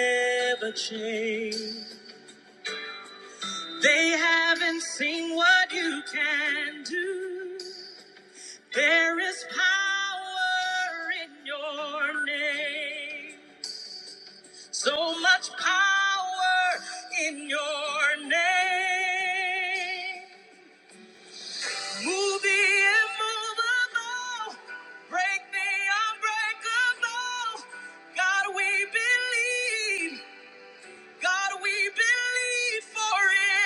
never change. They haven't seen what you can do. There is power in your name. So much power in your name. Move the immovable. Break the unbreakable. God, we believe. God, we believe for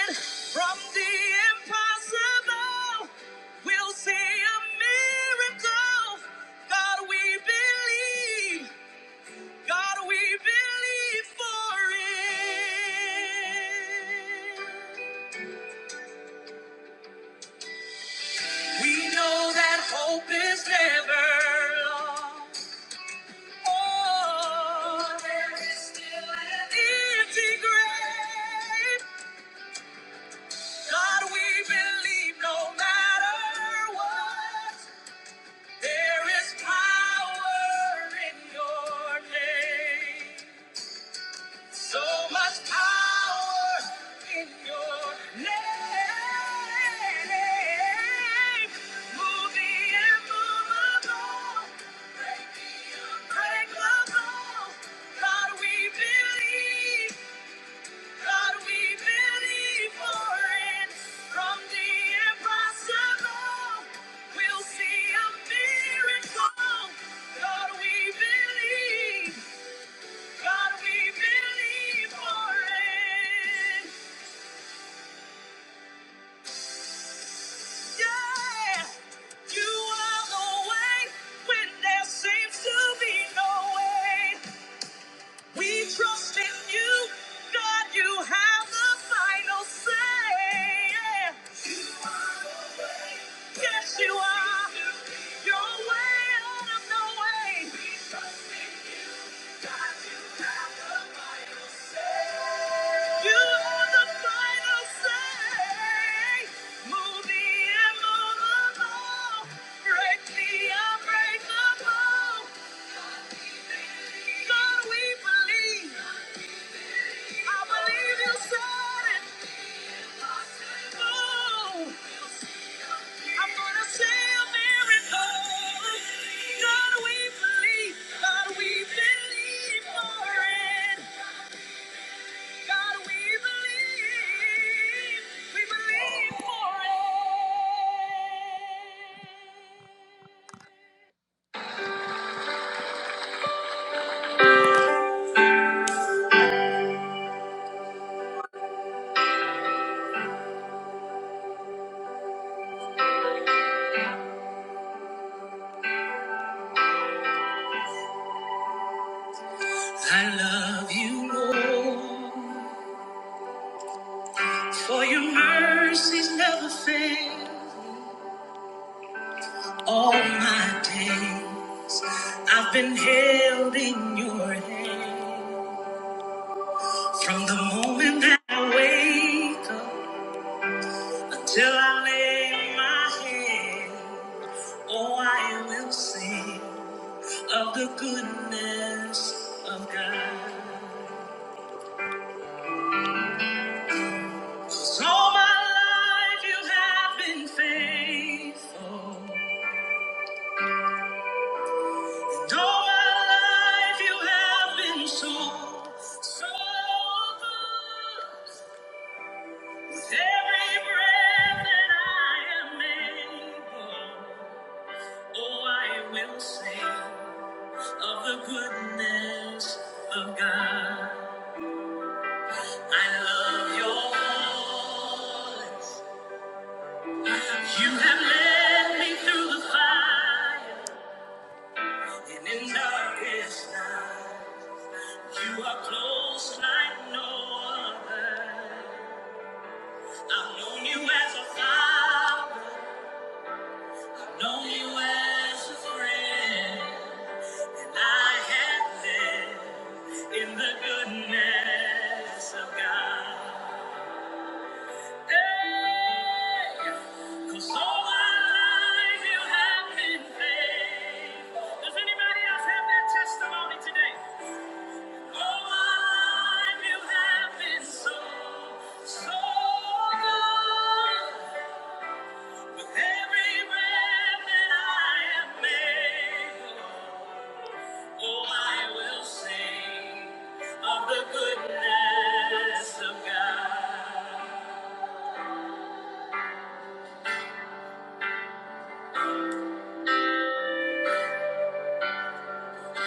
it. From the impossible, we'll see a miracle. God, we believe. God, we believe for it. We know that hope is never lost. Oh, there is still an empty grave. God, we believe no matter what, there is power in your name. So much power in your name. Move the immovable, break the unbreakable. God, we believe. God, we believe for it. From the impossible, we'll see a miracle. God, we believe. God, we believe for it. Yeah. You are the way when there seems to be no way. We trust in you. God, you have the final say. Yeah. Yes, you are. You're way out of the way. You are the final say. Move the immovable. Break the unbreakable. God, we believe. I believe you said it. Move. I'm gonna see a miracle. God, we believe. God, we believe for it. God, we believe. We believe for it. I love you, Lord, for your mercies never fail. All my day, I've been held in your hand. From the moment that I wake up Till I lay my head, oh, I will sing of the goodness of God. 'Cause all my life you have been faithful. And all my life you have been so, so good. With every breath that I am able, oh, I will sing of the goodness of God. I love your voice. You have led me through the fire and in darkness. You are close like no other. I've known you as a father, known you as a friend. I have lived in the goodness of God. Cause all my life you have been faithful. Does anybody else have that testimony today? All my life you have been so, so good. With every breath that I am able, oh, I will sing of the goodness of God.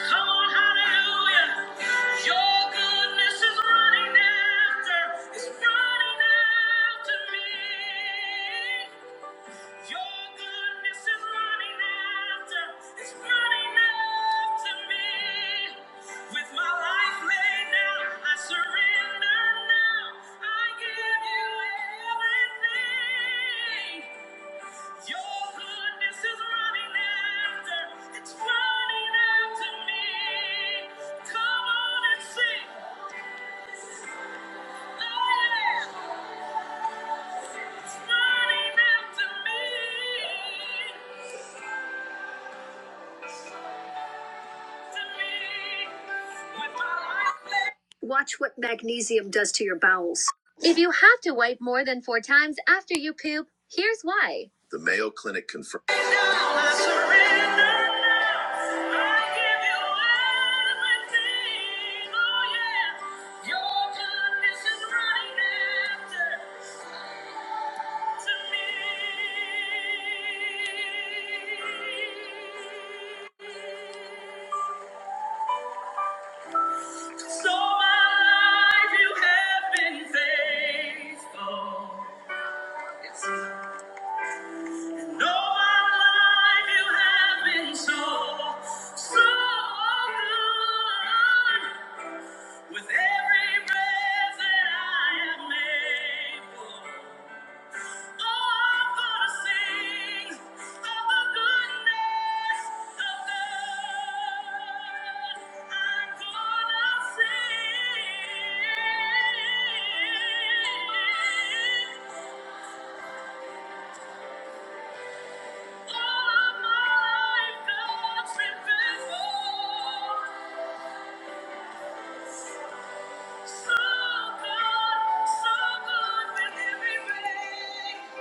Come on, hallelujah. Your goodness is running after, is running after me. Your goodness is running after, is running after me. With my life laid down, I surrender now. I give you everything. Your goodness is running after, it's running after me. Come on and sing. Oh yeah, it's running after me. Watch what magnesium does to your bowels. If you have to wipe more than four times after you poop, here's why. The Mayo Clinic confirms. So my life, you have been faithful. Yes. And all my life, you have been so, so good. With every breath that I am able. So good, so good with every breath.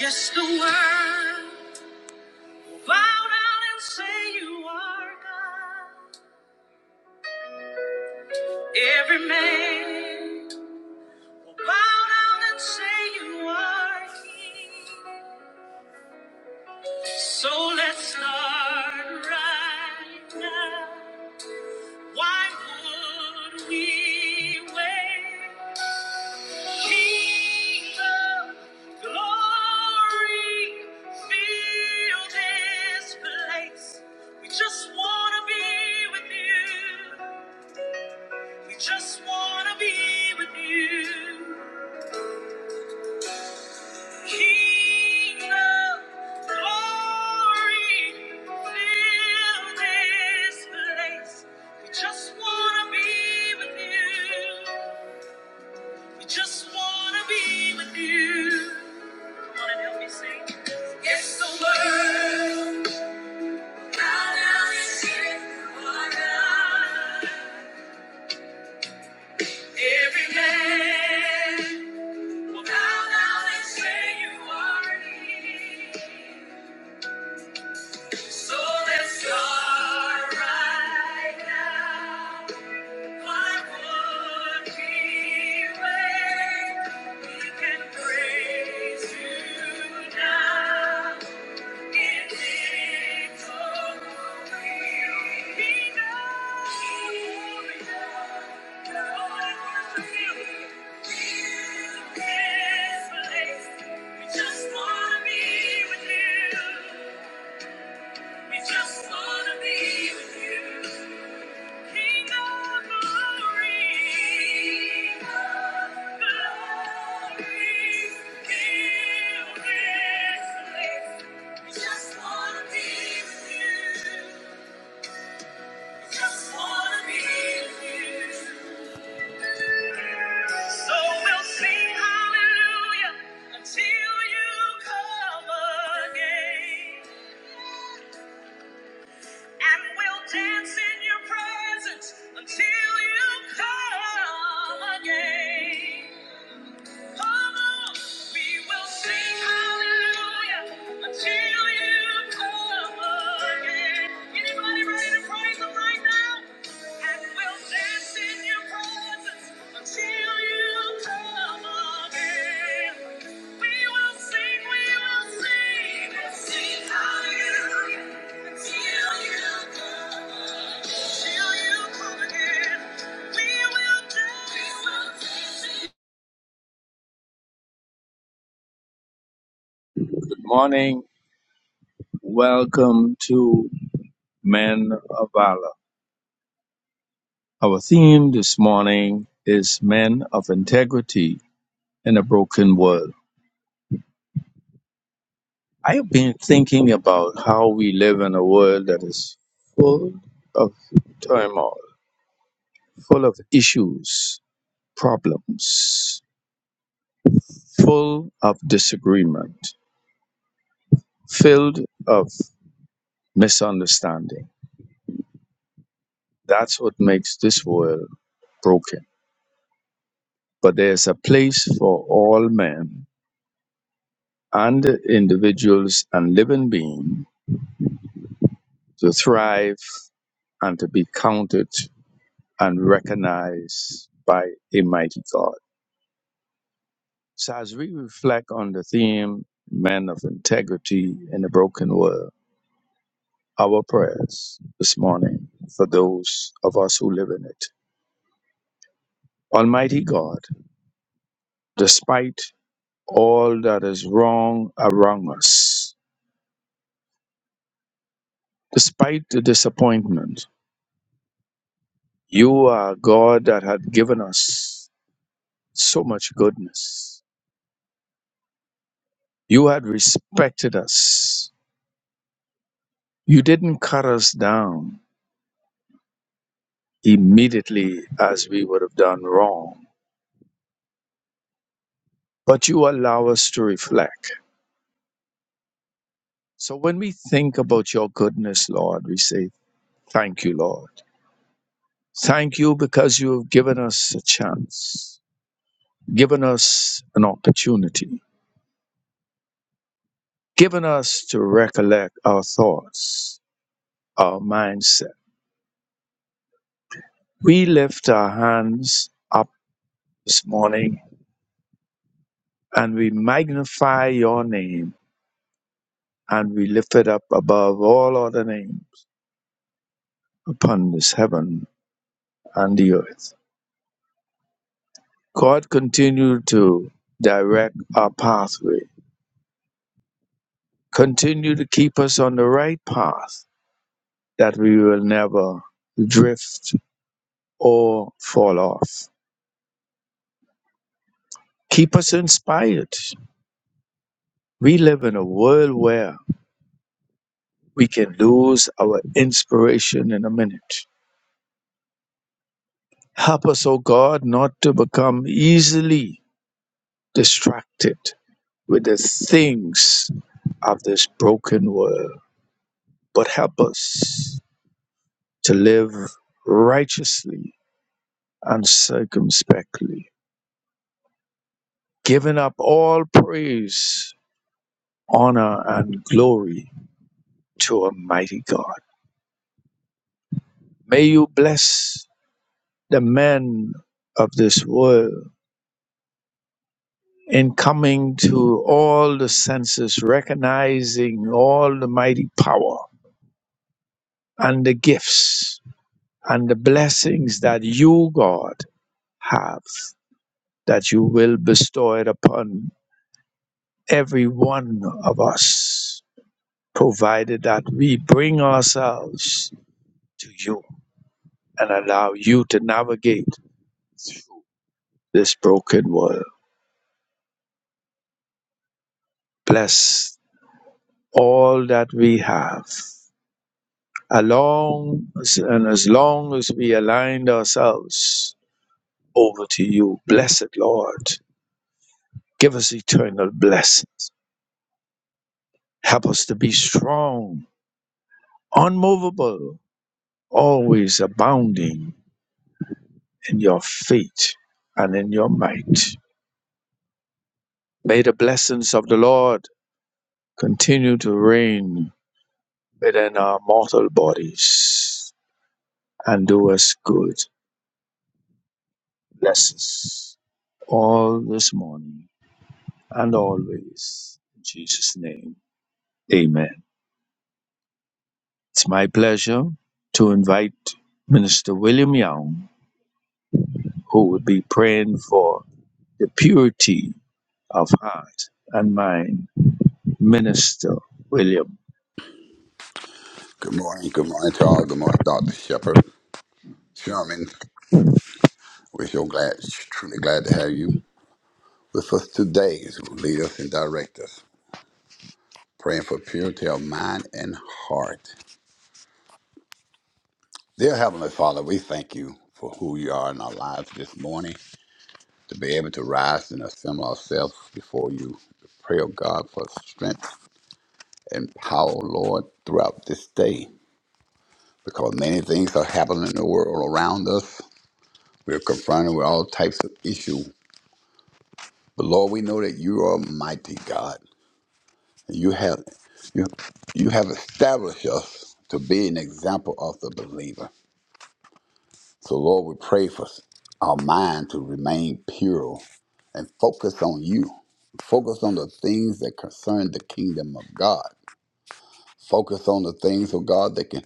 Yes, the world. Bow down and say you are God. Every man will bow down and say you are King. So let's start right now. Why would we wait? Kingdom glory, fill this place. We just want to be with you. We just wanna be with you. King of glory, fill this place. We just wanna be with you. We just wanna be with you. Come on and help me sing. Yes, the world out out is here for God. Every man. Bow down and say you are King. So let's start right now. Why would we wait? We can praise you now we Just wanna be with you. King of glory, Just wanna be with you. Just wanna be with you. So we'll sing hallelujah until you come again. and we'll dance in your presence until you come again. Come on, we will sing hallelujah until you come again. Anybody ready to praise Him right now? And we'll dance in your presence until you come again. We will sing, we will sing, we'll sing hallelujah until you come again. Till you come again, we will dance. Morning. Welcome to Men of Valor. Our theme this morning is Men of Integrity in a Broken World. I have been thinking about how we live in a world that is full of turmoil, full of issues, problems, full of disagreement, filled of misunderstanding. That's what makes this world broken. But there's a place for all men and individuals and living beings to thrive and to be counted and recognized by a mighty God. So, as we reflect on the theme, men of integrity in a broken world, our prayers this morning for those of us who live in it. Almighty God, despite all that is wrong around us, despite the disappointment, you are a God that had given us. so much goodness. You had respected us. You didn't cut us down immediately as we would have done wrong, but you allow us to reflect. So when we think about your goodness, Lord, we say, Thank you, Lord. Thank you because you have given us a chance, given us an opportunity, given us to recollect our thoughts, our mindset. We lift our hands up this morning and we magnify your name and we lift it up above all other names upon this heaven and the earth. God, continue to direct our pathway. Continue to keep us on the right path that we will never drift or fall off. Keep us inspired. We live in a world where we can lose our inspiration in a minute. Help us, O God, not to become easily distracted with the things of this broken world, but help us to live righteously and circumspectly, giving up all praise, honor, and glory to Almighty God. May you bless the men of this world in coming to all the senses, recognizing all the mighty power and the gifts and the blessings that you, God, have, that you will bestow it upon every one of us, provided that we bring ourselves to you and allow you to navigate this broken world. Bless all that we have. Along and as long as we aligned ourselves over to you, blessed Lord, give us eternal blessings. Help us to be strong unmovable, always abounding in your faith and in your might. May the blessings of the Lord continue to reign within our mortal bodies and do us good. Bless us all this morning and always. In Jesus' name, amen. It's my pleasure to invite Minister William Young, who will be praying for the purity of heart and mind Minister William. Good morning. Good morning to all. Good morning, Dr. Shepherd Sherman. We're so glad, truly glad to have you with us today to lead us and direct us. Praying for purity of mind and heart. Dear Heavenly Father, we thank you for who you are in our lives this morning, to be able to rise and assemble ourselves before you. To Pray, oh God, for strength and power, Lord, throughout this day, because many things are happening in the world around us. We're confronted with all types of issues But Lord, we know that you are mighty God. You have you you have established us to be an example of the believer. So Lord, we pray for our mind to remain pure and focus on you. Focus on the things that concern the kingdom of God. Focus on the things of God that can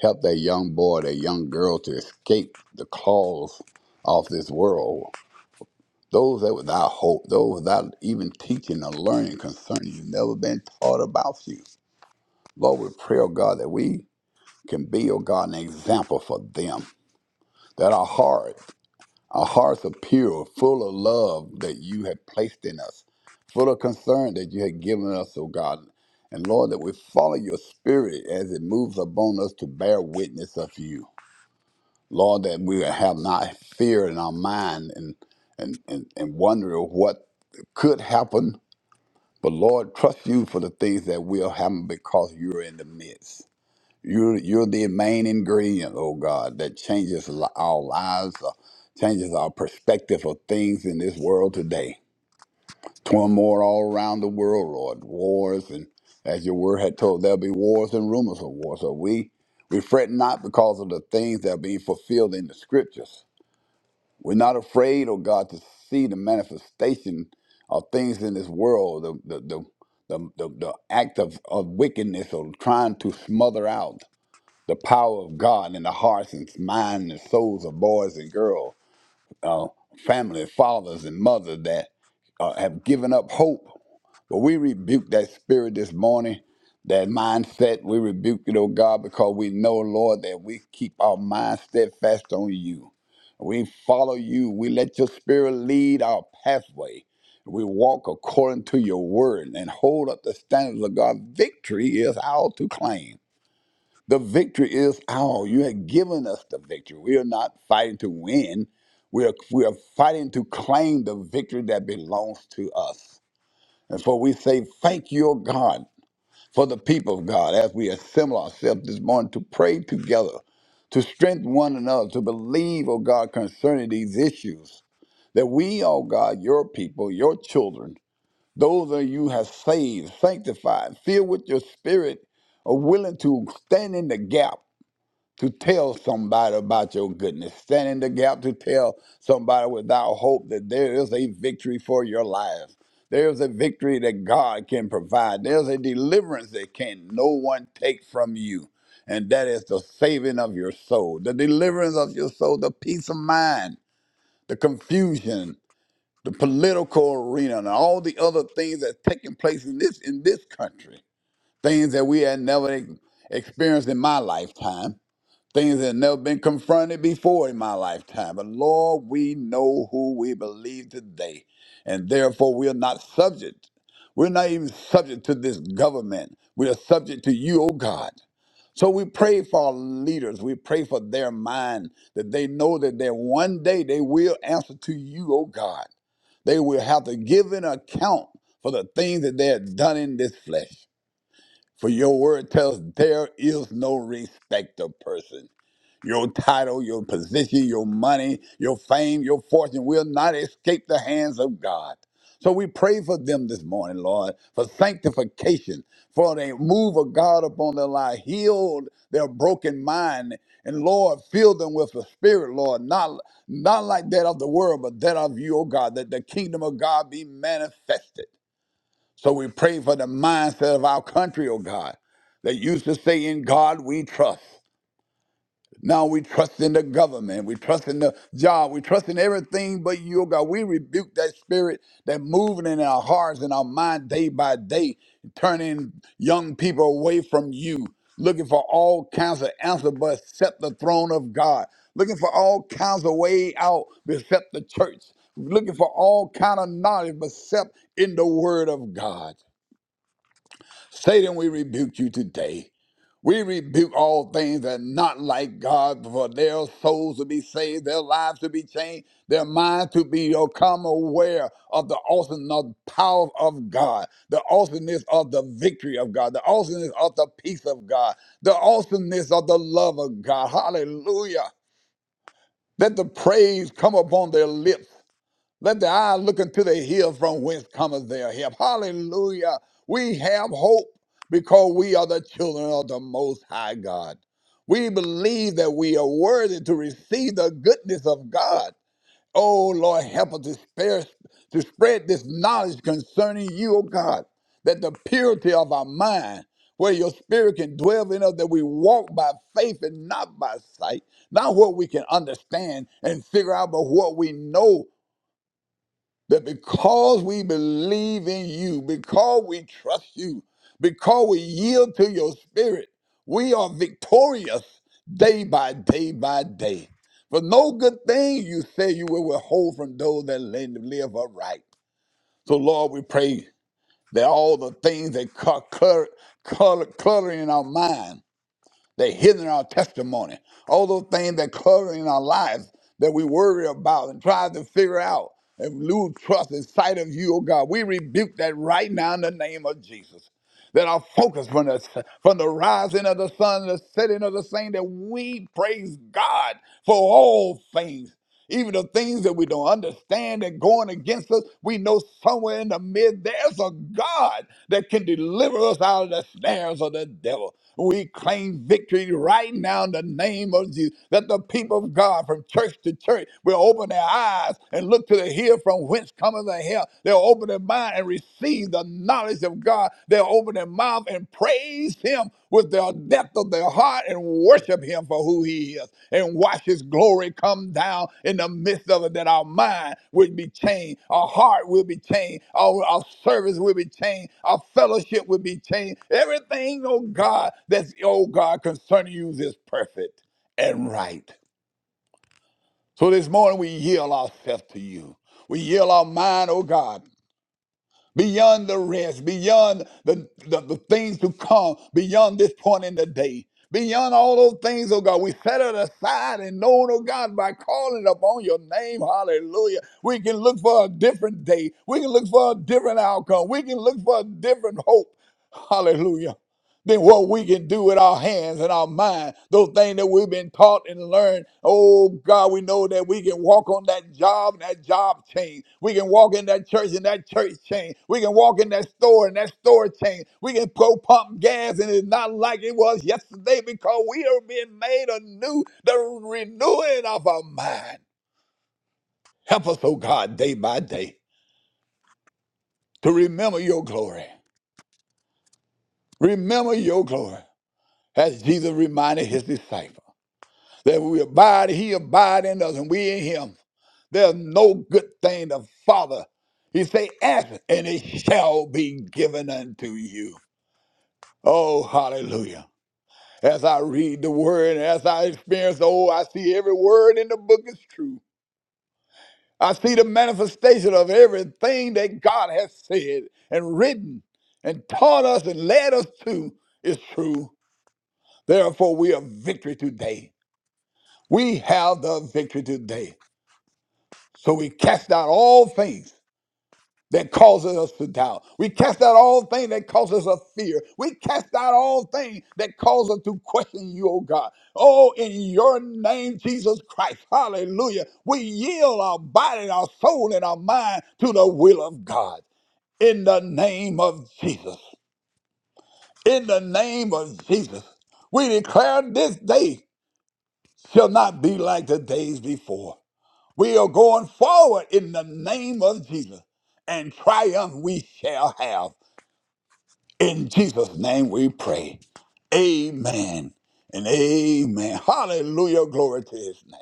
help that young boy, that young girl to escape the claws of this world Those that without hope, those without even teaching or learning concerning you, never been taught about you. Lord, we pray, oh God, that we can be, oh God, an example for them. That our heart, our hearts are pure, full of love that you have placed in us, full of concern that you have given us, oh God. And Lord, that we follow your spirit as it moves upon us to bear witness of you. Lord, that we have not fear in our mind and and, and, and wonder of what could happen But Lord, trust you for the things that will happen because you're in the midst. You're, you're the main ingredient, oh God, that changes li- our lives, uh, changes our perspective of things in this world today. Turmoil all around the world, Lord. Wars, and as your word had told, there'll be wars and rumors of wars. So we, we fret not because of the things that are being fulfilled in the scriptures. We're not afraid, oh God, to see the manifestation of things in this world, the the the the, the, the act of, of wickedness or trying to smother out the power of God in the hearts and minds and souls of boys and girls uh, family, fathers, and mothers that uh, have given up hope. But we rebuke that spirit this morning, that mindset. We rebuke it, oh God, because we know, Lord, that we keep our mind steadfast on you. We follow you. We let your spirit lead our pathway. We walk according to your word and hold up the standards of God. Victory is ours to claim. The victory is ours. You have given us the victory. We are not fighting to win. We are, we are fighting to claim the victory that belongs to us. And so we say, Thank you, O God, for the people of God as we assemble ourselves this morning to pray together, to strengthen one another, to believe, O God, concerning these issues. That we, O God, your people, your children, those that you have saved, sanctified, filled with your spirit, are willing to stand in the gap to tell somebody about your goodness. Stand in the gap to tell somebody without hope that there is a victory for your life. There is a victory that God can provide. There's a deliverance that can no one take from you. And that is the saving of your soul, the deliverance of your soul, the peace of mind, the confusion, the political arena, and all the other things that's taking place in this in this country. Things that we had never e- experienced in my lifetime things that have never been confronted before in my lifetime. But Lord, we know who we believe today, and therefore we are not subject. We're not even subject to this government. We are subject to you, O God. So we pray for our leaders. We pray for their mind that they know that there one day they will answer to you, O God. They will have to give an account for the things that they have done in this flesh. For your word tells there is no respect of person. Your title, your position, your money, your fame, your fortune will not escape the hands of God. So we pray for them this morning, Lord, for sanctification, for the move of God upon their life, heal their broken mind, and Lord, fill them with the Spirit, Lord, not not like that of the world, but that of you, O God, that the kingdom of God be manifested. So we pray for the mindset of our country, O God, that used to say, "In God we trust." Now we trust in the government. We trust in the job. We trust in everything but you, oh God. We rebuke that spirit that moving in our hearts and our mind day by day, turning young people away from you, looking for all kinds of answers but except the throne of God, looking for all kinds of way out but except the church, looking for all kind of knowledge but except in the word of God. Satan, we rebuke you today. We rebuke all things that are not like God, for their souls to be saved, their lives to be changed, their minds to become aware of the awesomeness power of God, the awesomeness of the victory of God, the awesomeness of the peace of God, the awesomeness of the love of God. Hallelujah. Let the praise come upon their lips. Let the eye look into the hill from whence cometh their help. Hallelujah. We have hope because we are the children of the Most High God. We believe that we are worthy to receive the goodness of God. Oh Lord, help us to, spare, to spread this knowledge concerning you, O God, that the purity of our mind, where your spirit can dwell in us, that we walk by faith and not by sight, not what we can understand and figure out, but what we know but because we believe in you, because we trust you, because we yield to your spirit, we are victorious day by day by day. For no good thing you say you will withhold from those that live upright. So, Lord, we pray that all the things that cl- clutter, clutter, clutter in our mind, they're hidden our testimony. All those things that cover in our lives that we worry about and try to figure out and lose trust in sight of you, oh God. We rebuke that right now in the name of Jesus. That our focus from the from the rising of the sun, the setting of the same, that we praise God for all things. Even the things that we don't understand and going against us, we know somewhere in the midst there's a God that can deliver us out of the snares of the devil. We claim victory right now in the name of Jesus. That the people of God from church to church will open their eyes and look to the hill from whence cometh the help. They'll open their mind and receive the knowledge of God, they'll open their mouth and praise Him with the depth of their heart and worship Him for who He is and watch His glory come down in the midst of it. That our mind will be changed, our heart will be changed, our, our service will be changed, our fellowship will be changed. Everything, oh God, that's, oh God, concerning you is perfect and right. So this morning we yield ourselves to you. We yield our mind, oh God beyond the rest, beyond the, the, the things to come, beyond this point in the day. Beyond all those things, oh God, we set it aside and know, oh God, by calling upon your name, hallelujah. We can look for a different day. We can look for a different outcome. We can look for a different hope. Hallelujah than what we can do with our hands and our mind. Those things that we've been taught and learned. Oh God, we know that we can walk on that job and that job chain. We can walk in that church and that church chain. We can walk in that store and that store chain. We can go pump gas and it's not like it was yesterday because we are being made anew, the renewing of our mind. Help us, oh God, day by day to remember your glory. Remember your glory. As Jesus reminded his disciples. That we abide, he abide in us, and we in him. There's no good thing the Father. He say, ask, and it shall be given unto you. Oh, hallelujah. As I read the word, as I experience, oh, I see every word in the book is true. I see the manifestation of everything that God has said and written and taught us and led us to is true. Therefore, we have victory today. We have the victory today. So we cast out all things that causes us to doubt. We cast out all things that causes us fear. We cast out all things that cause us to question you, oh God. Oh, in your name, Jesus Christ. Hallelujah. We yield our body, our soul, and our mind to the will of God. In the name of Jesus. In the name of Jesus. We declare this day shall not be like the days before. We are going forward in the name of Jesus, and triumph we shall have. In Jesus' name we pray. Amen and amen. Hallelujah. Glory to his name.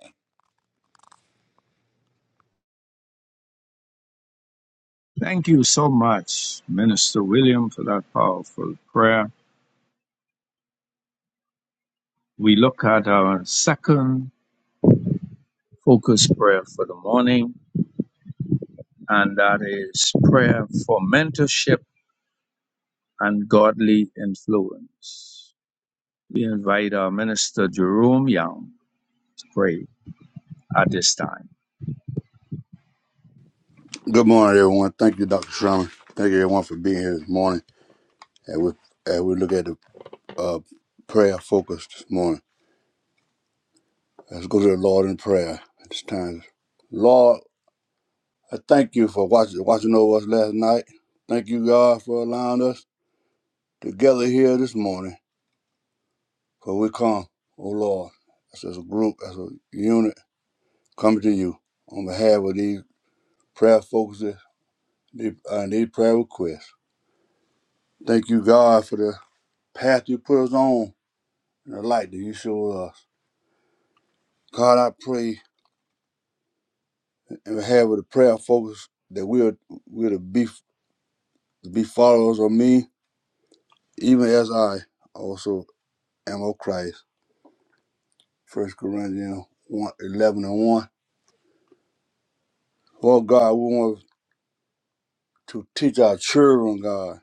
Thank you so much, Minister William, for that powerful prayer. We look at our second focus prayer for the morning, and that is prayer for mentorship and godly influence. We invite our Minister Jerome Young to pray at this time. Good morning, everyone. Thank you, Dr. Sherman. Thank you, everyone, for being here this morning. And we, and we look at the uh, prayer focus this morning. Let's go to the Lord in prayer at this time. Lord, I thank you for watching, watching over us last night. Thank you, God, for allowing us to gather here this morning. For we come, oh Lord, as a group, as a unit, coming to you on behalf of these prayer focuses these- and these prayer requests. Thank you, God, for the path you put us on and the light that you show us. God, I pray and have with a prayer focus that we'll we'll be be followers of me, even as I also am of Christ. First Corinthians one 11 and 1. Lord God, we want to teach our children, God,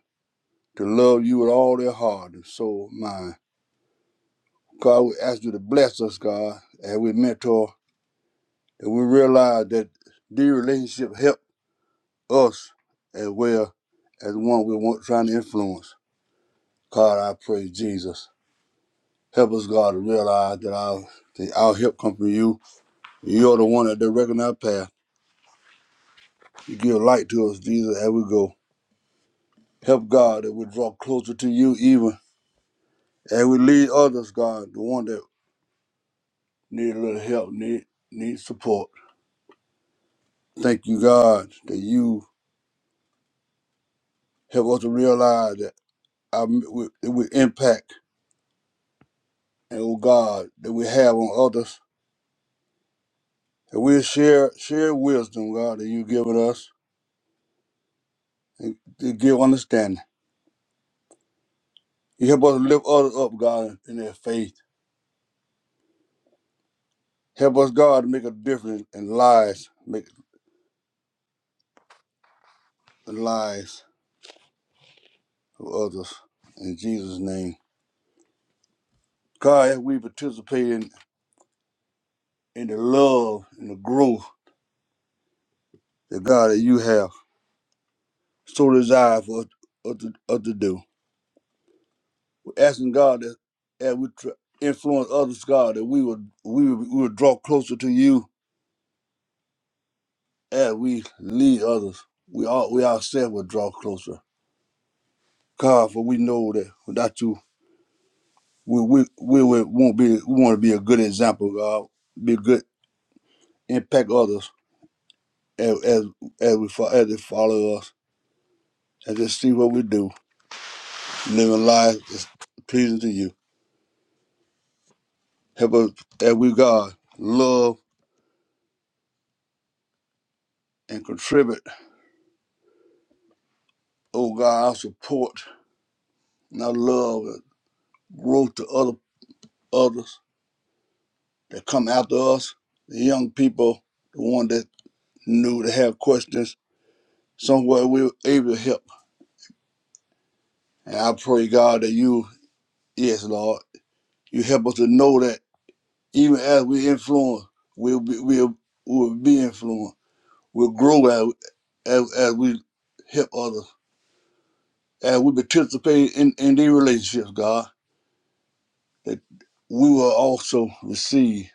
to love you with all their heart and soul, mind. God, we ask you to bless us, God, as we mentor, that we realize that these relationships help us as well as the one we want trying to influence. God, I pray, Jesus. Help us, God, to realize that our, that our help comes from you. You're the one that directing our path. You give light to us, Jesus, as we go. Help, God, that we draw closer to you even as we lead others, God, the one that need a little help, need, need support. Thank you, God, that you help us to realize that our, we, that we impact and, oh God, that we have on others. And we share, share wisdom, God, that you've given us and to give understanding. You help us lift others up, God, in their faith. Help us, God, to make a difference in lives, make the lives of others. In Jesus' name. God, as we participate in, in the love and the growth that God that you have so desired for us, us to, us to do. We're asking God that as we tr- influence others, God, that we would we would, we would draw closer to you as we lead others. We all we ourselves will draw closer. God, for we know that without you. we we we will won't be we want to be a good example, God, be good, impact others as as, as we fo- as they follow us, and just see what we do, living life is pleasing to you. Help us as we God love and contribute. Oh God, our support and our love and growth to other others that come after us, the young people, the one that knew to have questions. Somewhere we were able to help. And I pray God that you, yes, Lord You help us to know that even as we influence, we'll be, we'll, we'll be influenced. We'll grow as, as, as we help others. As we participate in, in these relationships, God, that we will also receive.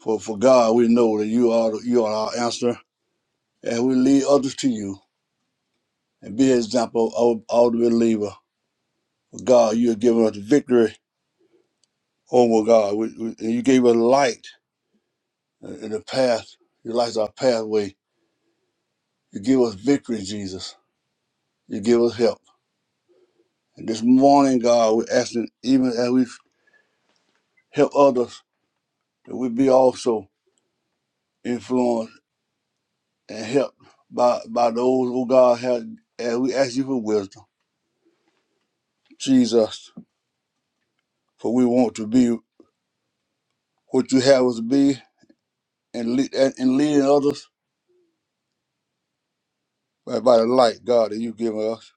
For, for God, we know that you are the- you are our answer, and we lead others to you and be an example of all the believer. God, you have given us victory over God. We, we, and you gave us light in the path. You light our pathway You give us victory, Jesus. You give us help. And this morning, God, we're asking, even as we help others, that we be also influenced and helped by, by those who God has. And we ask you for wisdom, Jesus, for we want to be what you have us to be and, lead, and, and leading others by, by the light, God, that you give us.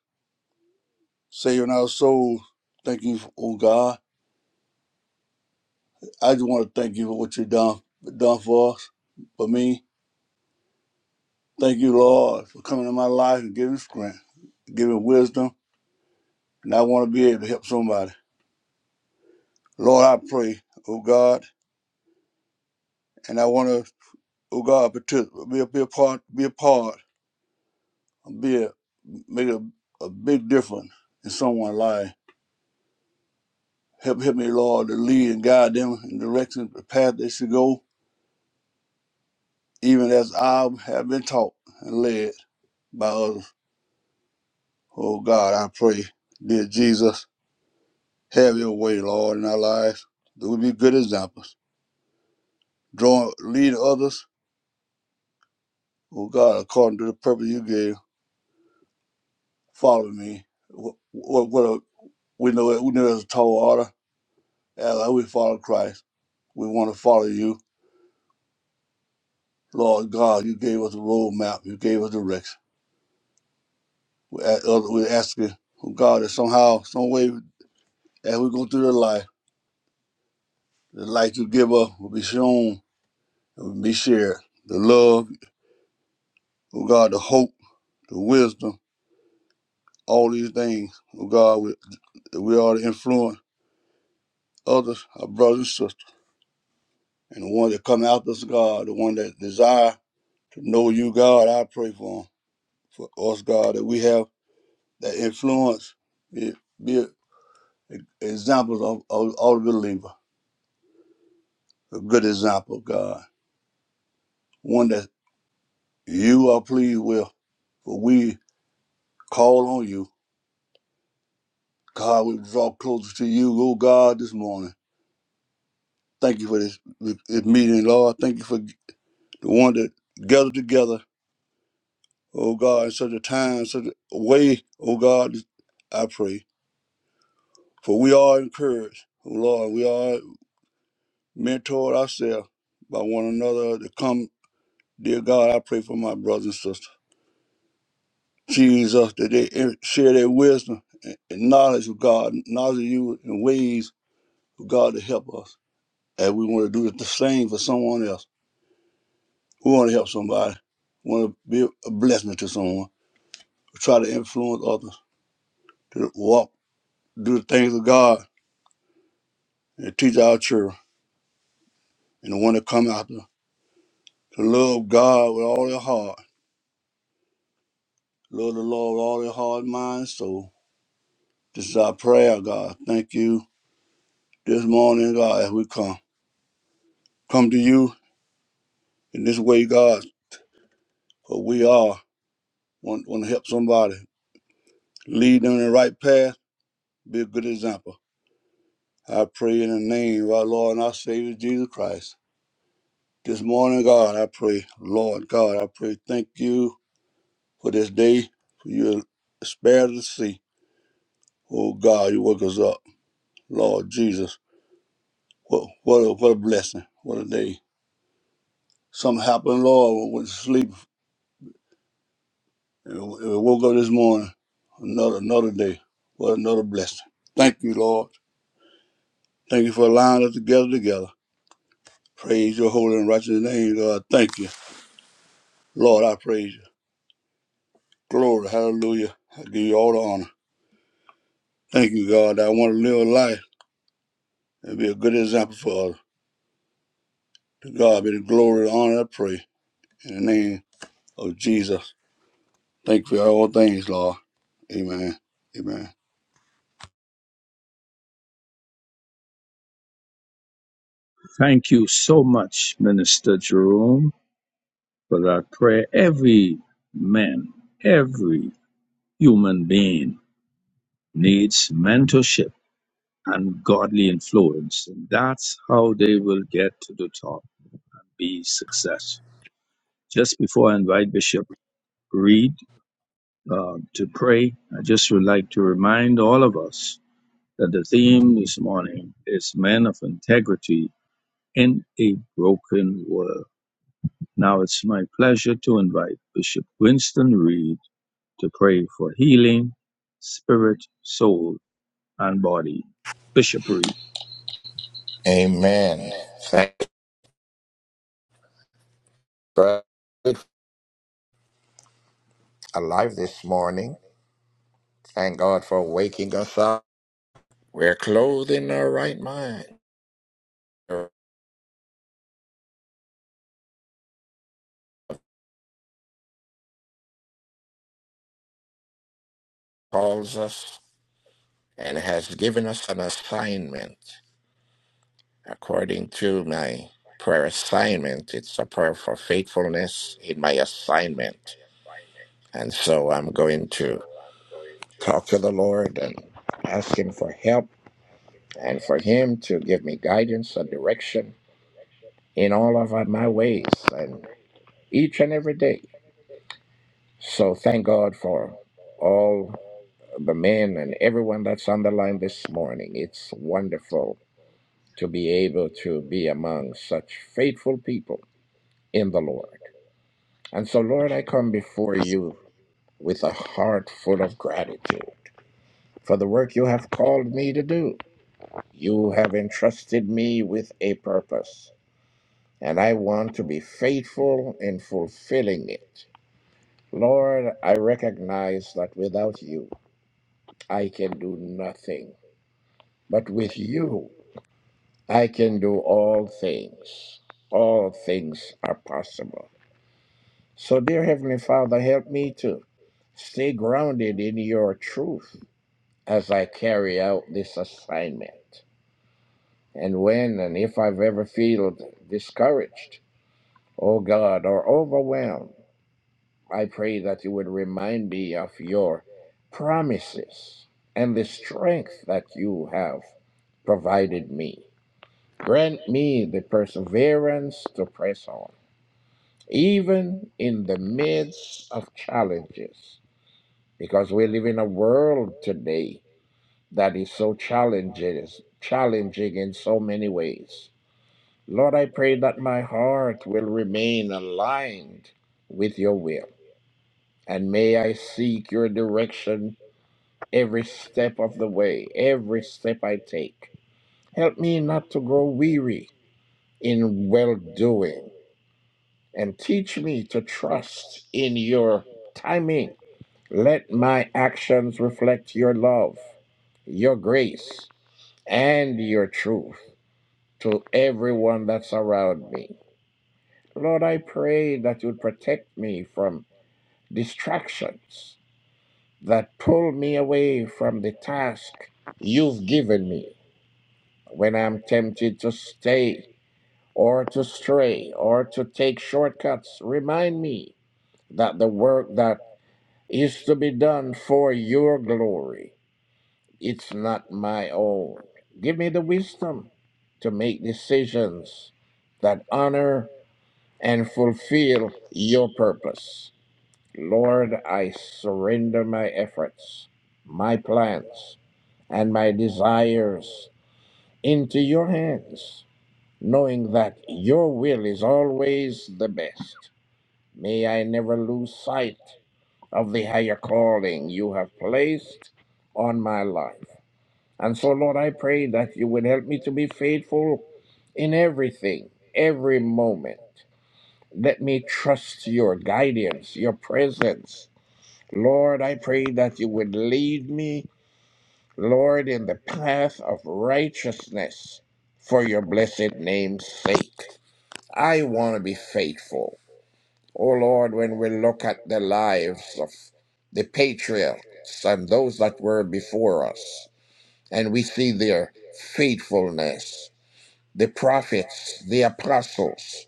Saving our souls. Thank you, oh God. I just want to thank you for what you've done, done for us, for me. Thank you, Lord, for coming in my life and giving strength, giving wisdom, and I want to be able to help somebody. Lord, I pray, oh God, and I want to, oh God, partic- be a, be a part, be a part, be a, make a, a big difference in someone's life. Help, help me, Lord, to lead and guide them in the direction, the path they should go, even as I have been taught and led by others. Oh God, I pray, dear Jesus, have your way, Lord, in our lives. That we be good examples. join, lead others, oh God, according to the purpose you gave, follow me. What, what, what a, we know it, we know it's a tall order. As we follow Christ, we want to follow you. Lord God, you gave us a roadmap, you gave us direction. We ask, other- we asking, oh God, that somehow, some way, as we go through the life, the light you give us will be shown, and will be shared. The love, oh God, the hope, the wisdom, all these things, oh God, we, we are to influence others, our brothers and sisters. And the one that come after us, God, the one that desire to know you, God, I pray for them. for us, God, that we have that influence, be, be examples of, of all the believer, a good example, God, one that you are pleased with. For we call on you, God. We draw closer to you, oh God, this morning. Thank you for this, this meeting, Lord. Thank you for the one that gathered together, oh God, in such a time, such a way, oh God. I pray. For we are encouraged, oh Lord, we are mentored ourselves by one another to come. Dear God, I pray for my brothers and sisters. Jesus, that they en- share their wisdom and and knowledge of God, knowledge of you and ways for God to help us. And we want to do the same for someone else. We want to help somebody. We want to be a blessing to someone. We try to influence others to walk, do the things of God, and teach our children and the one that come after to love God with all their heart Lord the Lord, with all their hard minds. So this is our prayer, God. Thank you this morning, God, as we come. Come to you in this way, God, for we are want, want to help somebody. Lead them in the right path. Be a good example. I pray in the name of our Lord and our Savior Jesus Christ. This morning, God, I pray, Lord God, I pray, thank you for this day, for your spare to see. Oh God, you woke us up. Lord Jesus, what, what, a, what a blessing. What a day. Something happened, Lord, Went to sleep. And we woke up this morning, another another day. What another blessing. Thank you, Lord. Thank you for allowing us to gather together. Praise your holy and righteous name, God. Thank you. Lord, I praise you. Glory, hallelujah. I give you all the honor. Thank you, God. I want to live a life and be a good example for others. To God be the glory and honor, I pray. In the name of Jesus. Thank you for all things, Lord. Amen. Amen. Thank you so much, Minister Jerome, for that prayer. Every man, every human being needs mentorship ungodly influence. And that's how they will get to the top and be successful. Just before I invite Bishop Reed uh, to pray, I just would like to remind all of us that the theme this morning is Men of Integrity in a Broken World. Now it's my pleasure to invite Bishop Winston Reed to pray for healing, spirit, soul, and body. Bishop Reed. Amen. Thank you for alive this morning. Thank God for waking us up. We're clothed in our right mind. God calls us and has given us an assignment. According to my prayer assignment, it's a prayer for faithfulness in my assignment. And so I'm going to talk to the Lord and ask Him for help and for Him to give me guidance and direction in all of my ways. each and every day. So thank God for all the men and everyone that's on the line this morning. It's wonderful to be able to be among such faithful people in the Lord. And so, Lord, I come before you with a heart full of gratitude for the work you have called me to do. You have entrusted me with a purpose, and I want to be faithful in fulfilling it. Lord, I recognize that without you, I can do nothing. But with you, I can do all things. All things are possible. So, dear Heavenly Father, help me to stay grounded in your truth as I carry out this assignment. And when and if I've ever felt discouraged, oh God, or overwhelmed, I pray that you would remind me of your promises and the strength that you have provided me. Grant me the perseverance to press on, even in the midst of challenges, because we live in a world today that is so challenging, challenging in so many ways. Lord, I pray that my heart will remain aligned with your will, and may I seek your direction every step of the way, every step I take. Help me not to grow weary in well doing and teach me to trust in your timing. Let my actions reflect your love, your grace, and your truth to everyone that's around me. Lord, I pray that you'd protect me from distractions that pull me away from the task you've given me when I'm tempted to stay or to stray or to take shortcuts. Remind me that the work that Is to be done for your glory. It's not my own. Give me the wisdom to make decisions that honor and fulfill your purpose. Lord, I surrender my efforts, my plans, and my desires into your hands, knowing that your will is always the best. May I never lose sight of the higher calling you have placed on my life. And so, Lord, I pray that you would help me to be faithful in everything, every moment. Let me trust your guidance, your presence. Lord, I pray that you would lead me, Lord, in the path of righteousness for your blessed name's sake. I want to be faithful. Oh Lord, when we look at the lives of the patriots and those that were before us, and we see their faithfulness, the prophets, the apostles,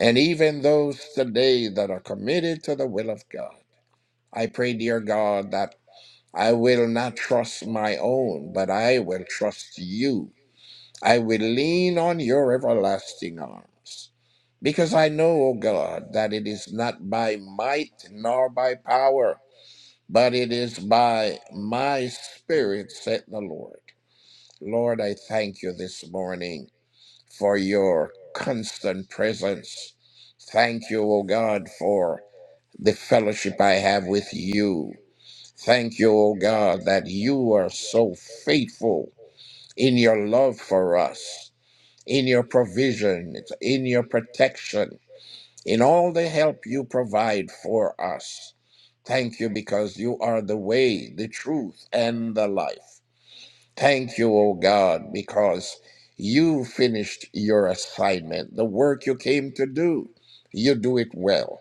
and even those today that are committed to the will of God, I pray, dear God, that I will not trust my own, but I will trust you. I will lean on your everlasting arms. Because I know, O God, that it is not by might nor by power, but it is by my spirit, said the Lord. Lord, I thank you this morning for your constant presence. Thank you, O God, for the fellowship I have with you. Thank you, O God, that you are so faithful in your love for us, in your provision, in your protection in all the help you provide for us. Thank you because you are the way, the truth, and the life. Thank you, O God, because you finished your assignment, the work you came to do. You do it well,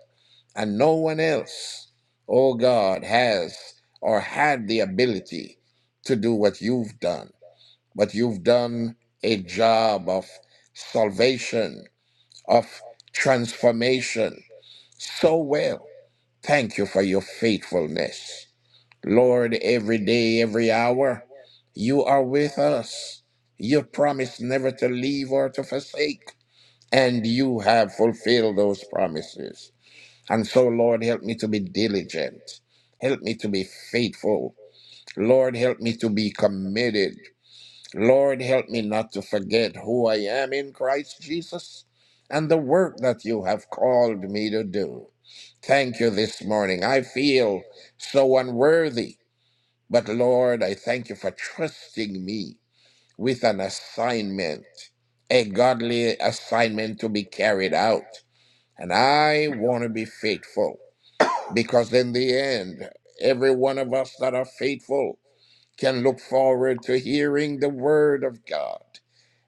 and no one else, O God, has or had the ability to do what you've done. But you've done a job of salvation, of transformation, so well. Thank you for your faithfulness. Lord, every day, every hour, you are with us. You promised never to leave or to forsake, and you have fulfilled those promises. And so, Lord, help me to be diligent. Help me to be faithful. Lord, help me to be committed. Lord, help me not to forget who I am in Christ Jesus and the work that you have called me to do. Thank you this morning. I feel so unworthy, but Lord, I thank you for trusting me with an assignment, a godly assignment to be carried out. And I want to be faithful because, in the end, every one of us that are faithful can look forward to hearing the word of God.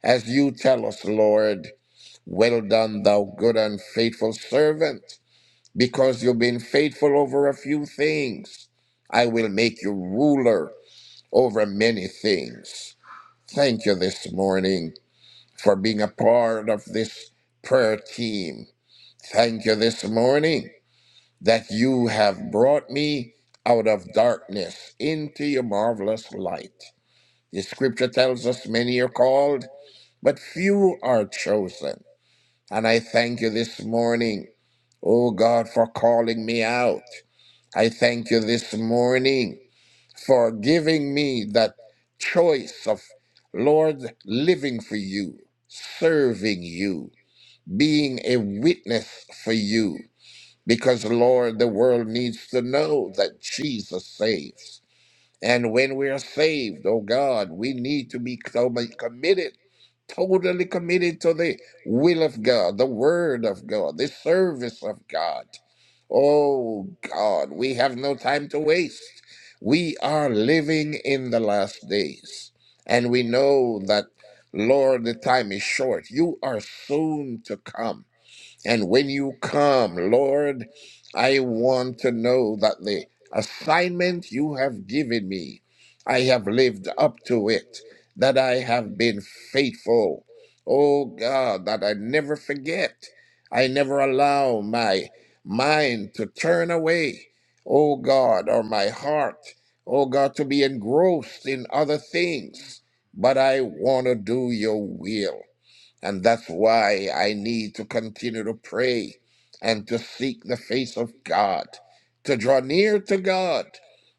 As you tell us, Lord, well done, thou good and faithful servant because you've been faithful over a few things. I will make you ruler over many things. Thank you this morning for being a part of this prayer team. Thank you this morning that you have brought me out of darkness into your marvelous light. The scripture tells us many are called, but few are chosen. And I thank you this morning, oh God, for calling me out. I thank you this morning for giving me that choice of, Lord, living for you, serving you, being a witness for you. Because, Lord, the world needs to know that Jesus saves. And when we are saved, oh God, we need to be totally committed, totally committed to the will of God, the word of God, the service of God. Oh God, we have no time to waste. We are living in the last days, and we know that, Lord, the time is short. You are soon to come. And when you come, Lord, I want to know that the assignment you have given me, I have lived up to it, that I have been faithful. Oh God, that I never forget. I never allow my mind to turn away. Oh God, or my heart, oh God, to be engrossed in other things. But I want to do your will. And that's why I need to continue to pray and to seek the face of God, to draw near to God.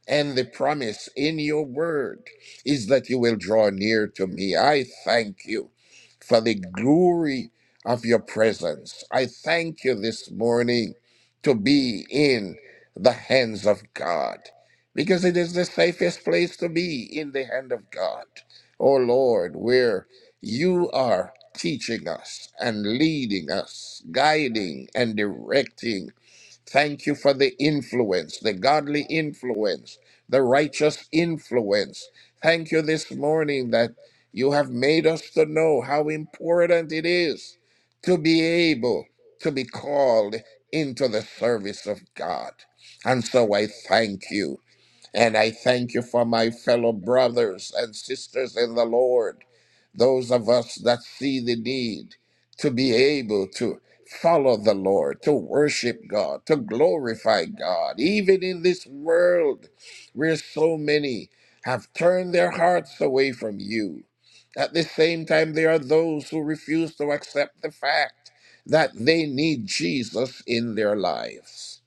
And the promise in your word is that you will draw near to me. I thank you for the glory of your presence. I thank you this morning to be in the hands of God because it is the safest place to be in the hand of God. Oh Lord, where you are teaching us and leading us, guiding and directing Thank you for the influence, the godly influence, the righteous influence. Thank you this morning that you have made us to know how important it is to be able to be called into the service of God. And so I thank you. And I thank you for my fellow brothers and sisters in the Lord those of us that see the need to be able to follow the Lord, to worship God, to glorify God. Even in this world where so many have turned their hearts away from you, at the same time, there are those who refuse to accept the fact that they need Jesus in their lives.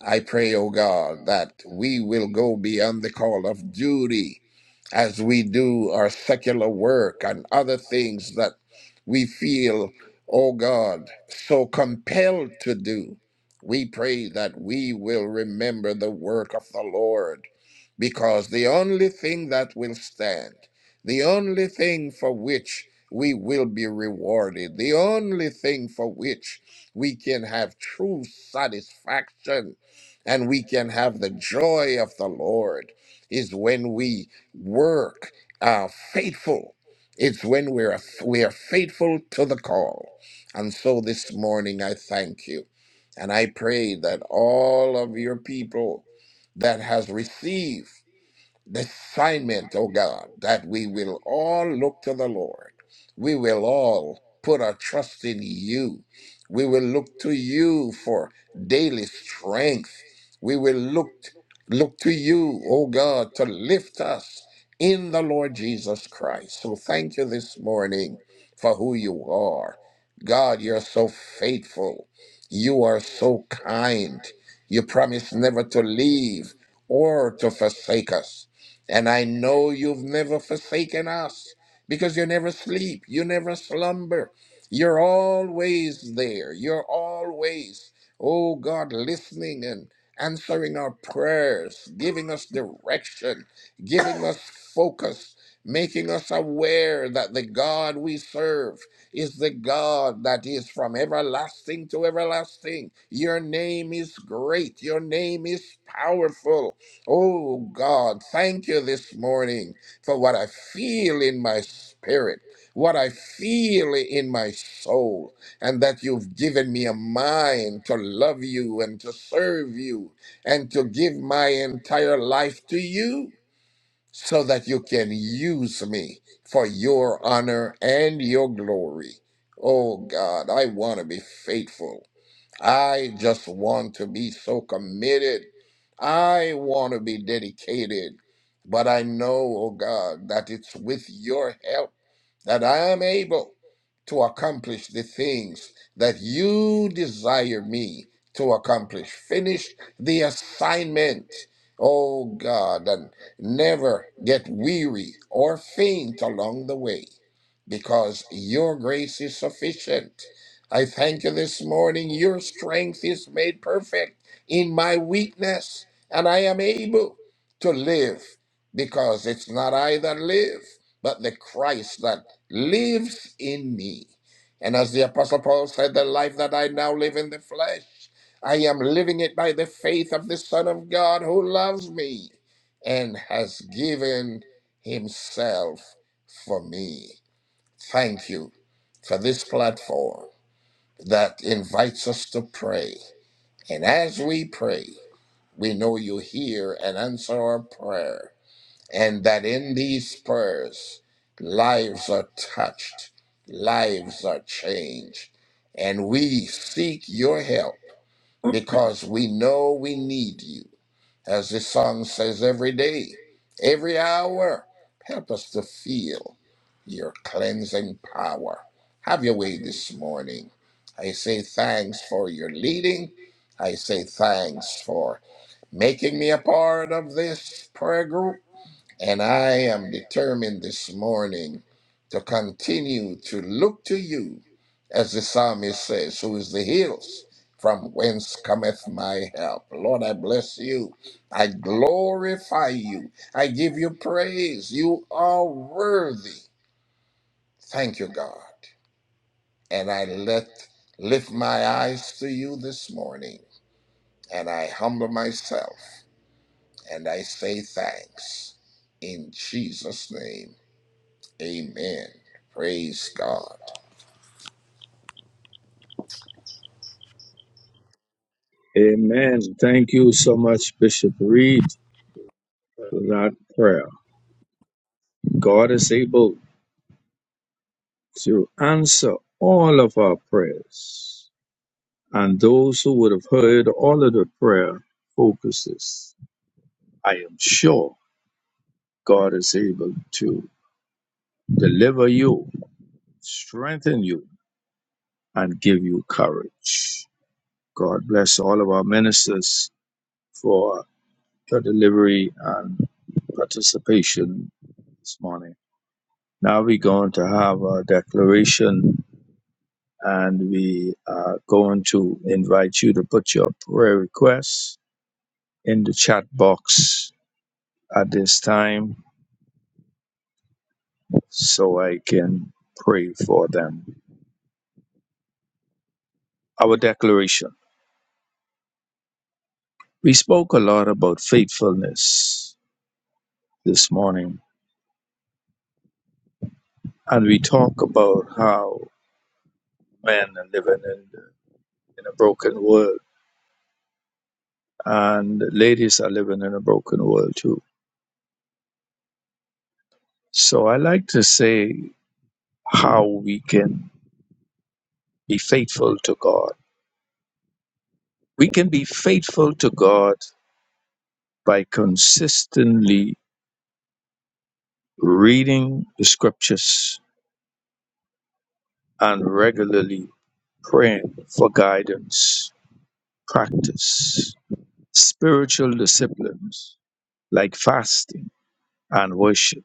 I pray, O God, that we will go beyond the call of duty as we do our secular work and other things that we feel, oh God, so compelled to do. We pray that we will remember the work of the Lord because the only thing that will stand, the only thing for which we will be rewarded, the only thing for which we can have true satisfaction and we can have the joy of the Lord is when we work uh, faithful. It's when we're we are faithful to the call. And so this morning I thank you. And I pray that all of your people that has received the assignment, oh God, that we will all look to the Lord. We will all put our trust in you. We will look to you for daily strength. We will look look to you, oh God, to lift us in the Lord Jesus Christ. So thank you this morning for who you are. God, you're so faithful. You are so kind. You promise never to leave or to forsake us. And I know you've never forsaken us because you never sleep, you never slumber. You're always there. You're always, oh God, listening and answering our prayers, giving us direction, giving us focus, making us aware that the God we serve is the God that is from everlasting to everlasting. Your name is great, your name is powerful. Oh God, thank you this morning for what I feel in my spirit, what I feel in my soul, and that you've given me a mind to love you and to serve you and to give my entire life to you so that you can use me for your honor and your glory. Oh God, I want to be faithful. I just want to be so committed. I want to be dedicated. But I know, oh God, that it's with your help that I am able to accomplish the things that you desire me to accomplish. Finish the assignment, oh God, and never get weary or faint along the way because your grace is sufficient. I thank you this morning. Your strength is made perfect in my weakness, and I am able to live because it's not I that live, but the Christ that lives in me. And as the Apostle Paul said, the life that I now live in the flesh, I am living it by the faith of the Son of God who loves me and has given himself for me. Thank you for this platform that invites us to pray. And as we pray, we know you hear and answer our prayer and that in these prayers, lives are touched, lives are changed. And we seek your help because we know we need you. As the song says, every day, every hour, help us to feel your cleansing power. Have your way this morning. I say thanks for your leading. I say thanks for making me a part of this prayer group. And I am determined this morning to continue to look to you, as the psalmist says, who is the hills from whence cometh my help. Lord, I bless you. I glorify you. I give you praise. You are worthy. Thank you, God. And I let lift my eyes to you this morning, and I humble myself, and I say thanks in Jesus' name. Amen. Praise God. Amen. Thank you so much, Bishop Reed, for that prayer. God is able to answer all of our prayers, and those who would have heard all of the prayer focuses, I am sure God is able to deliver you, strengthen you, and give you courage. God bless all of our ministers for your delivery and participation this morning. Now we're going to have a declaration and we are going to invite you to put your prayer requests in the chat box at this time so I can pray for them. Our declaration. We spoke a lot about faithfulness this morning and we talk about how men are living in, in a broken world and ladies are living in a broken world too. So I like to say how we can be faithful to God. We can be faithful to God by consistently reading the scriptures and regularly praying for guidance, practice, spiritual disciplines like fasting and worship.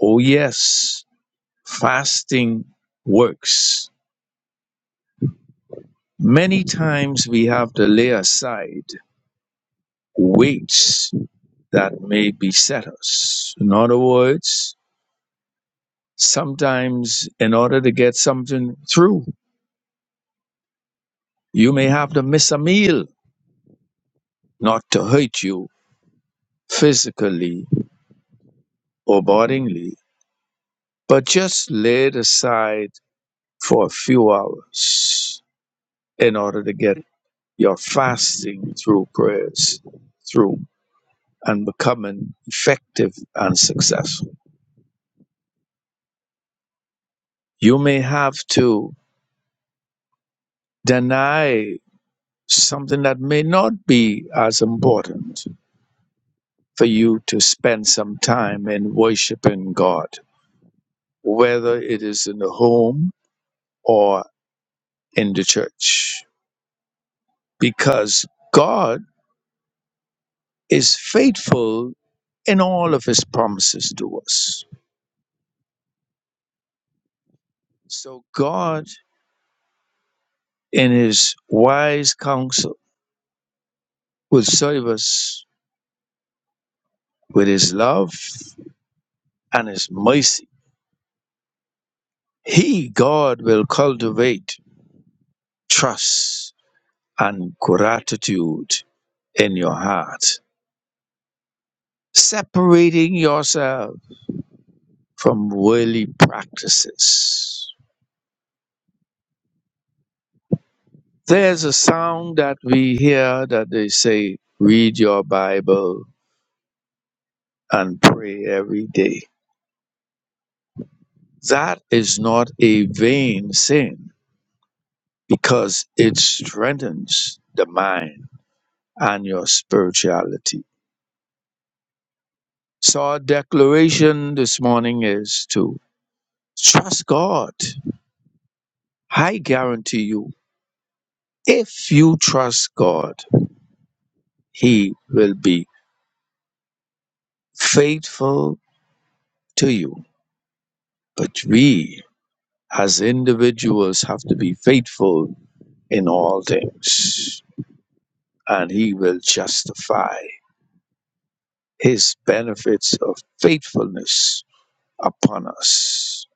Oh, yes, fasting works. Many times we have to lay aside weights that may beset us. In other words, sometimes in order to get something through, you may have to miss a meal, not to hurt you physically or bodily, but just lay it aside for a few hours in order to get your fasting through prayers through and becoming effective and successful. You may have to deny something that may not be as important for you to spend some time in worshiping God, whether it is in the home or in the church, because God is faithful in all of his promises to us. So God, in his wise counsel, will serve us with his love and his mercy. He, God, will cultivate trust and gratitude in your heart, separating yourself from worldly practices. There's a sound that we hear that they say, read your Bible and pray every day. That is not a vain sin because it strengthens the mind and your spirituality. So our declaration this morning is to trust God. I guarantee you If you trust God, He will be faithful to you. But we, as individuals, have to be faithful in all things, and He will justify His benefits of faithfulness upon us.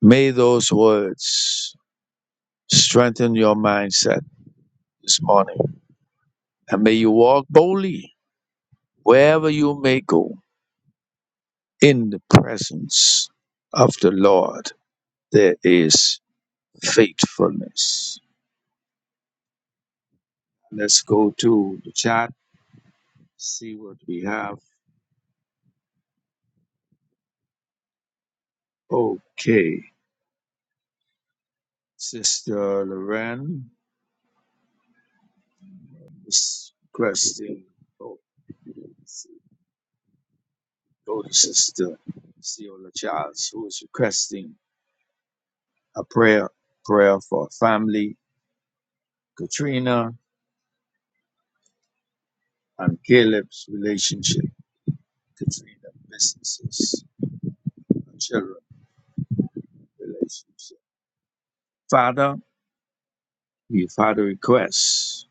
May those words strengthen your mindset this morning, and may you walk boldly wherever you may go in the presence of the Lord There is faithfulness. Let's go to the chat, see what we have. Okay. Sister Loren is requesting. Oh, let's see. go to Sister Ciola Charles, who is requesting a prayer, prayer for family, Katrina and Caleb's relationship, Katrina businesses, and children relationship. Father, we've had a request,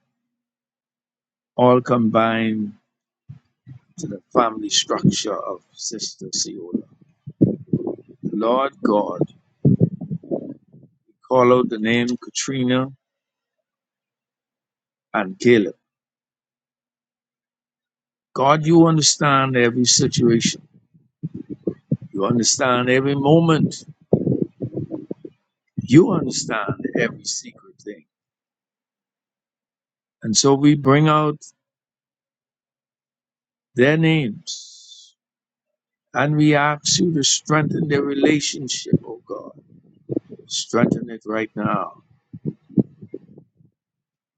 all combined to the family structure of Sister Ciola. Lord God, call out the name Katrina and Caleb. God, you understand every situation. You understand every moment. You understand every secret thing. And so we bring out their names and we ask you to strengthen their relationship, oh God. Strengthen it right now.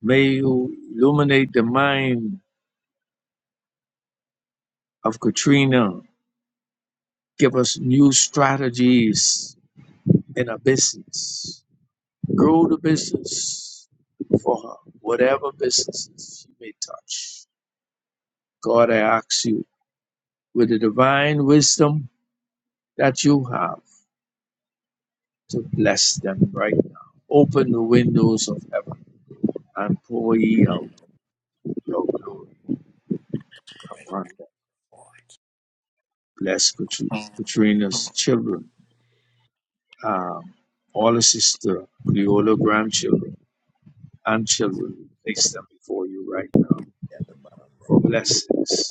May you illuminate the mind of Katrina. Give us new strategies in a business. Grow the business for her, whatever businesses she may touch. God, I ask you with the divine wisdom that you have to bless them right now. Open the windows of heaven and pour ye out your glory upon them. Bless Katri- Katrina's children, um, all her sister, Cleola grandchildren, and children. Place them before you right now for blessings.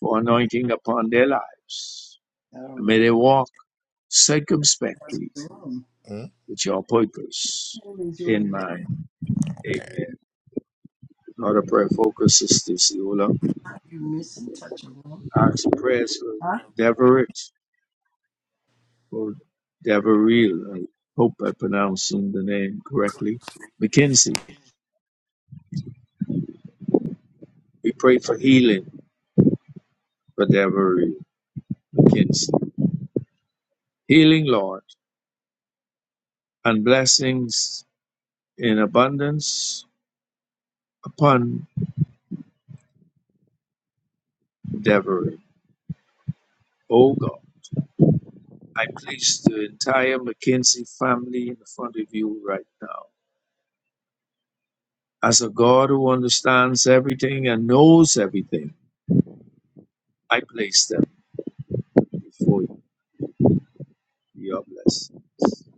for anointing upon their lives. I don't And may know. they walk circumspectly Room. Hmm? with your purpose Is you in the in mind. Amen. Not a prayer focus, Sister Siola. You missing touch a room? Ask prayers for Huh? Deverett or Deveril. I hope I'm pronouncing the name correctly. McKinsey. We pray for healing for Deveril McKinsey. Healing, Lord, and blessings in abundance upon Deveril. O God. I place the entire McKinsey family in front of you right now. As a God who understands everything and knows everything, I place them before you. Your blessings.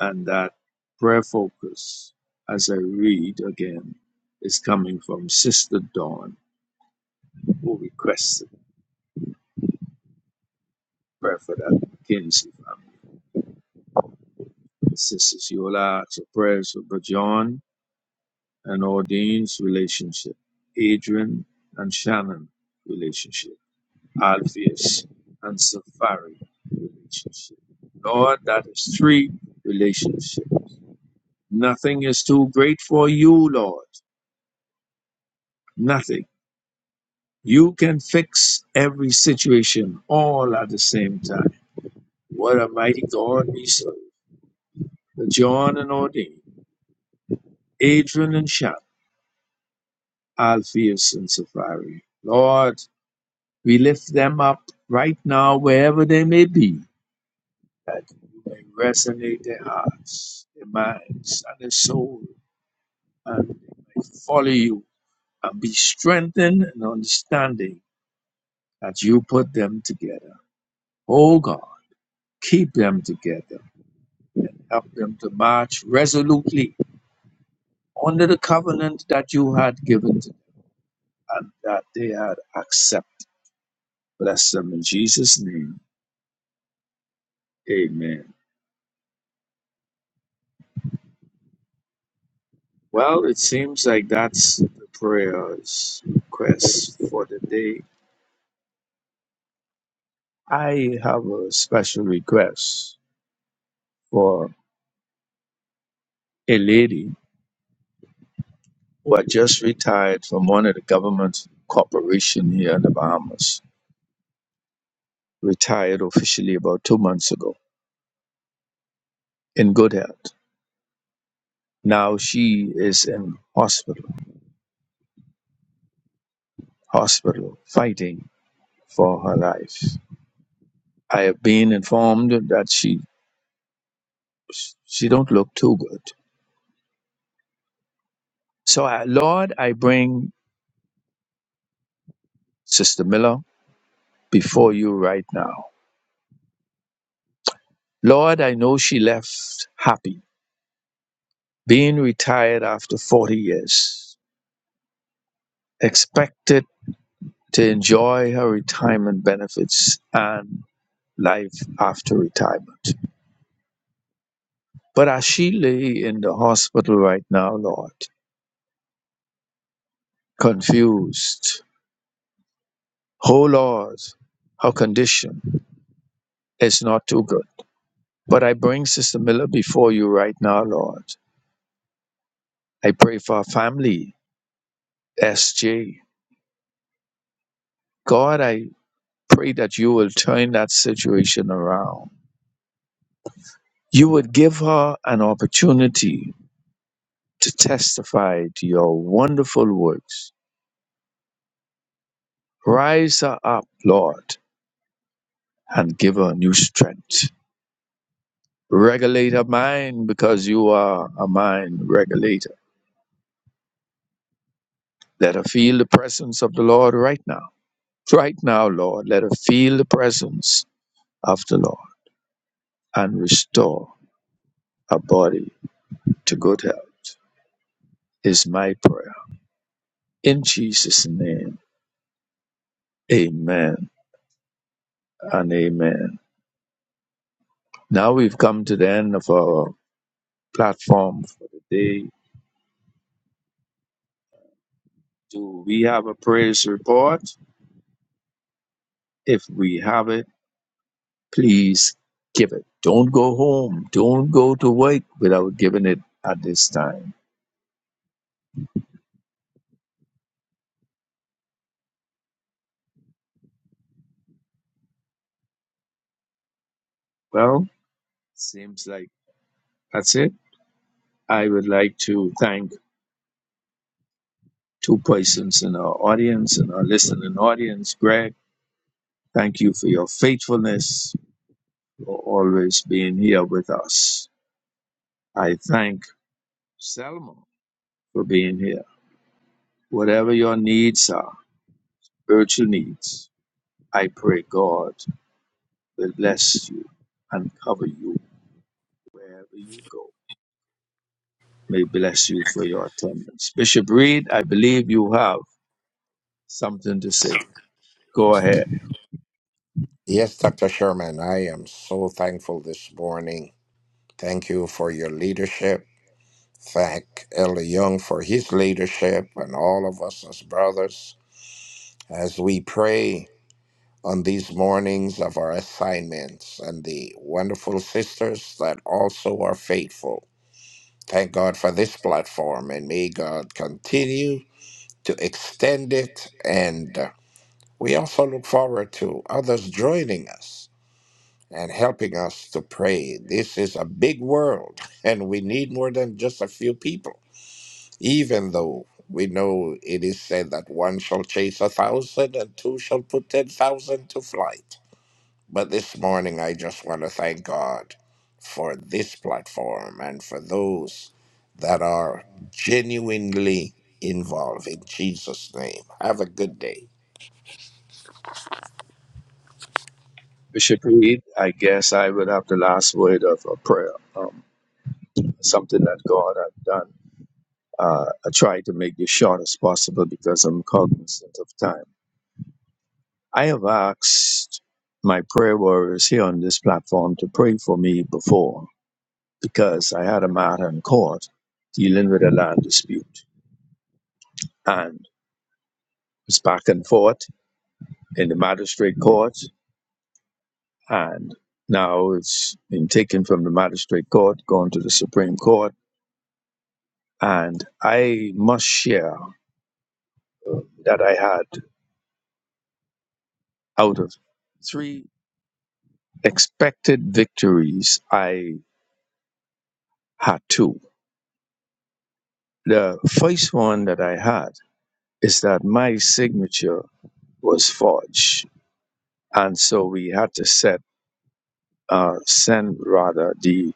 And that prayer focus, as I read again, is coming from Sister Dawn, who requested prayer for that McKinsey family. Sisters Yola, ask for prayers for John and Ordine's relationship, Adrian and Shannon relationship. Alpheus and Sapphira relationship. Lord, that is three relationship. Nothing is too great for you, Lord. Nothing. You can fix every situation all at the same time. What a mighty God we serve. The John and Ordain, Adrian and Shap, Alpheus and Sapphira. Lord, we lift them up right now, wherever they may be, that you may resonate their hearts, their minds, and their souls and follow you and be strengthened in understanding that you put them together. Oh God, keep them together. Help them to march resolutely under the covenant that you had given to them and that they had accepted. Bless them in Jesus' name. Amen. Well, it seems like that's the prayers request for the day. I have a special request for a lady who had just retired from one of the government corporation here in the Bahamas, retired officially about two months ago in good health. Now she is in hospital, hospital fighting for her life. I have been informed that she she don't look too good. So I, Lord, I bring Sister Miller before you right now. Lord, I know she left happy, being retired after 40 years, expected to enjoy her retirement benefits and life after retirement. But as she lay in the hospital right now, Lord, confused, oh Lord, her condition is not too good. But I bring Sister Miller before you right now, Lord. I pray for her family, SJ. God, I pray that you will turn that situation around. You would give her an opportunity to testify to your wonderful works Rise her up, Lord, and give her new strength. Regulate her mind because you are a mind regulator. Let her feel the presence of the Lord right now. Right now, Lord, let her feel the presence of the Lord and restore her body to good health, is my prayer. In Jesus' name, amen and amen. Now we've come to the end of our platform for the day. Do we have a praise report? If we have it, Please give it. Don't go home. Don't go to work without giving it at this time. Well, seems like that's it. I would like to thank two persons in our audience and our listening audience. Greg, thank you for your faithfulness, for always being here with us. I thank Selma for being here. Whatever your needs are, virtual needs, I pray God will bless you and cover you wherever you go. May bless you for your attendance. Bishop Reed, I believe you have something to say. Go ahead. Yes, Dr. Sherman, I am so thankful this morning. Thank you for your leadership. Thank Elder Young for his leadership and all of us as brothers as we pray on these mornings of our assignments and the wonderful sisters that also are faithful. Thank God for this platform and may God continue to extend it. And uh, we also look forward to others joining us and helping us to pray. This is a big world, and we need more than just a few people, even though we know it is said that one shall chase a thousand and two shall put 10,000 to flight. But this morning, I just want to thank God for this platform and for those that are genuinely involved in Jesus' name. Have a good day. Bishop Reed, I guess I would have the last word of a prayer. Um, something that God has done. Uh, I try to make this short as possible because I'm cognizant of time. I have asked my prayer warriors here on this platform to pray for me before because I had a matter in court dealing with a land dispute and it's back and forth in the magistrate court. and now it's been taken from the magistrate court, gone to the Supreme Court, and I must share that I had out of three expected victories, I had two. The first one that I had is that my signature was forged, and so we had to set uh, send rather the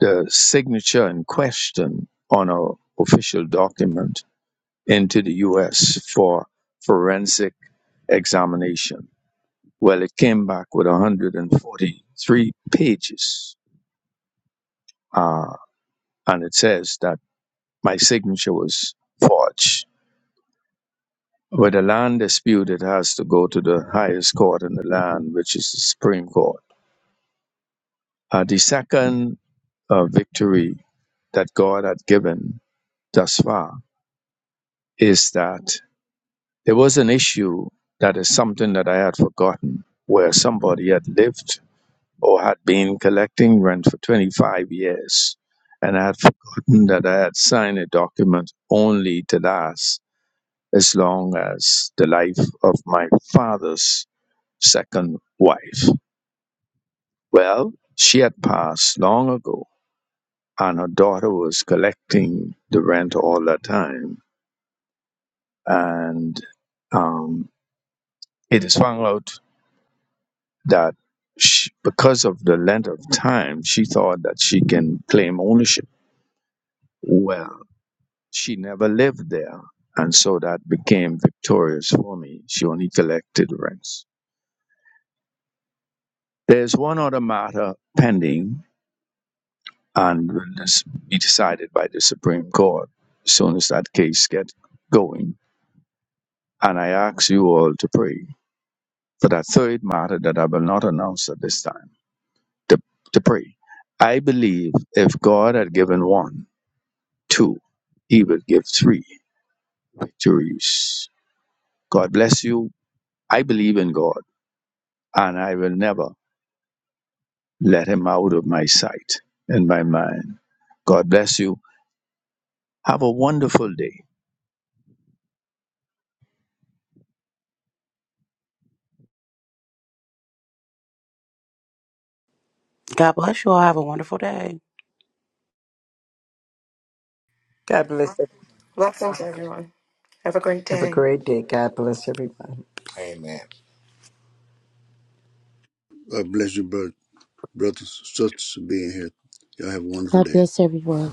the signature in question on an official document into the U.S. for forensic examination. Well, it came back with 143 pages, uh, and it says that my signature was forged. With a land dispute, it has to go to the highest court in the land, which is the Supreme Court. Uh, the second uh, victory that God had given thus far is that there was an issue that is something that I had forgotten, where somebody had lived or had been collecting rent for 25 years, and I had forgotten that I had signed a document only to last as long as the life of my father's second wife. Well, she had passed long ago, and her daughter was collecting the rent all the time. And um, it is found out that she, because of the length of time, she thought that she can claim ownership. Well, She never lived there, and so that became victorious for me. She only collected rents. There's one other matter pending and will this be decided by the Supreme Court as soon as that case gets going. And I ask you all to pray for that third matter that I will not announce at this time, to, to pray. I believe if God had given one, two, he would give three victories. God bless you. I believe in God. and I will never let him out of my sight and my mind. God bless you. Have a wonderful day. God bless you all. Have a wonderful day. God bless. every- Blessings, everyone. Have a great Have a day. great day. God bless everybody. Amen. God bless you, brother. Brothers, sisters, for being here. Y'all have a wonderful God day. bless everyone.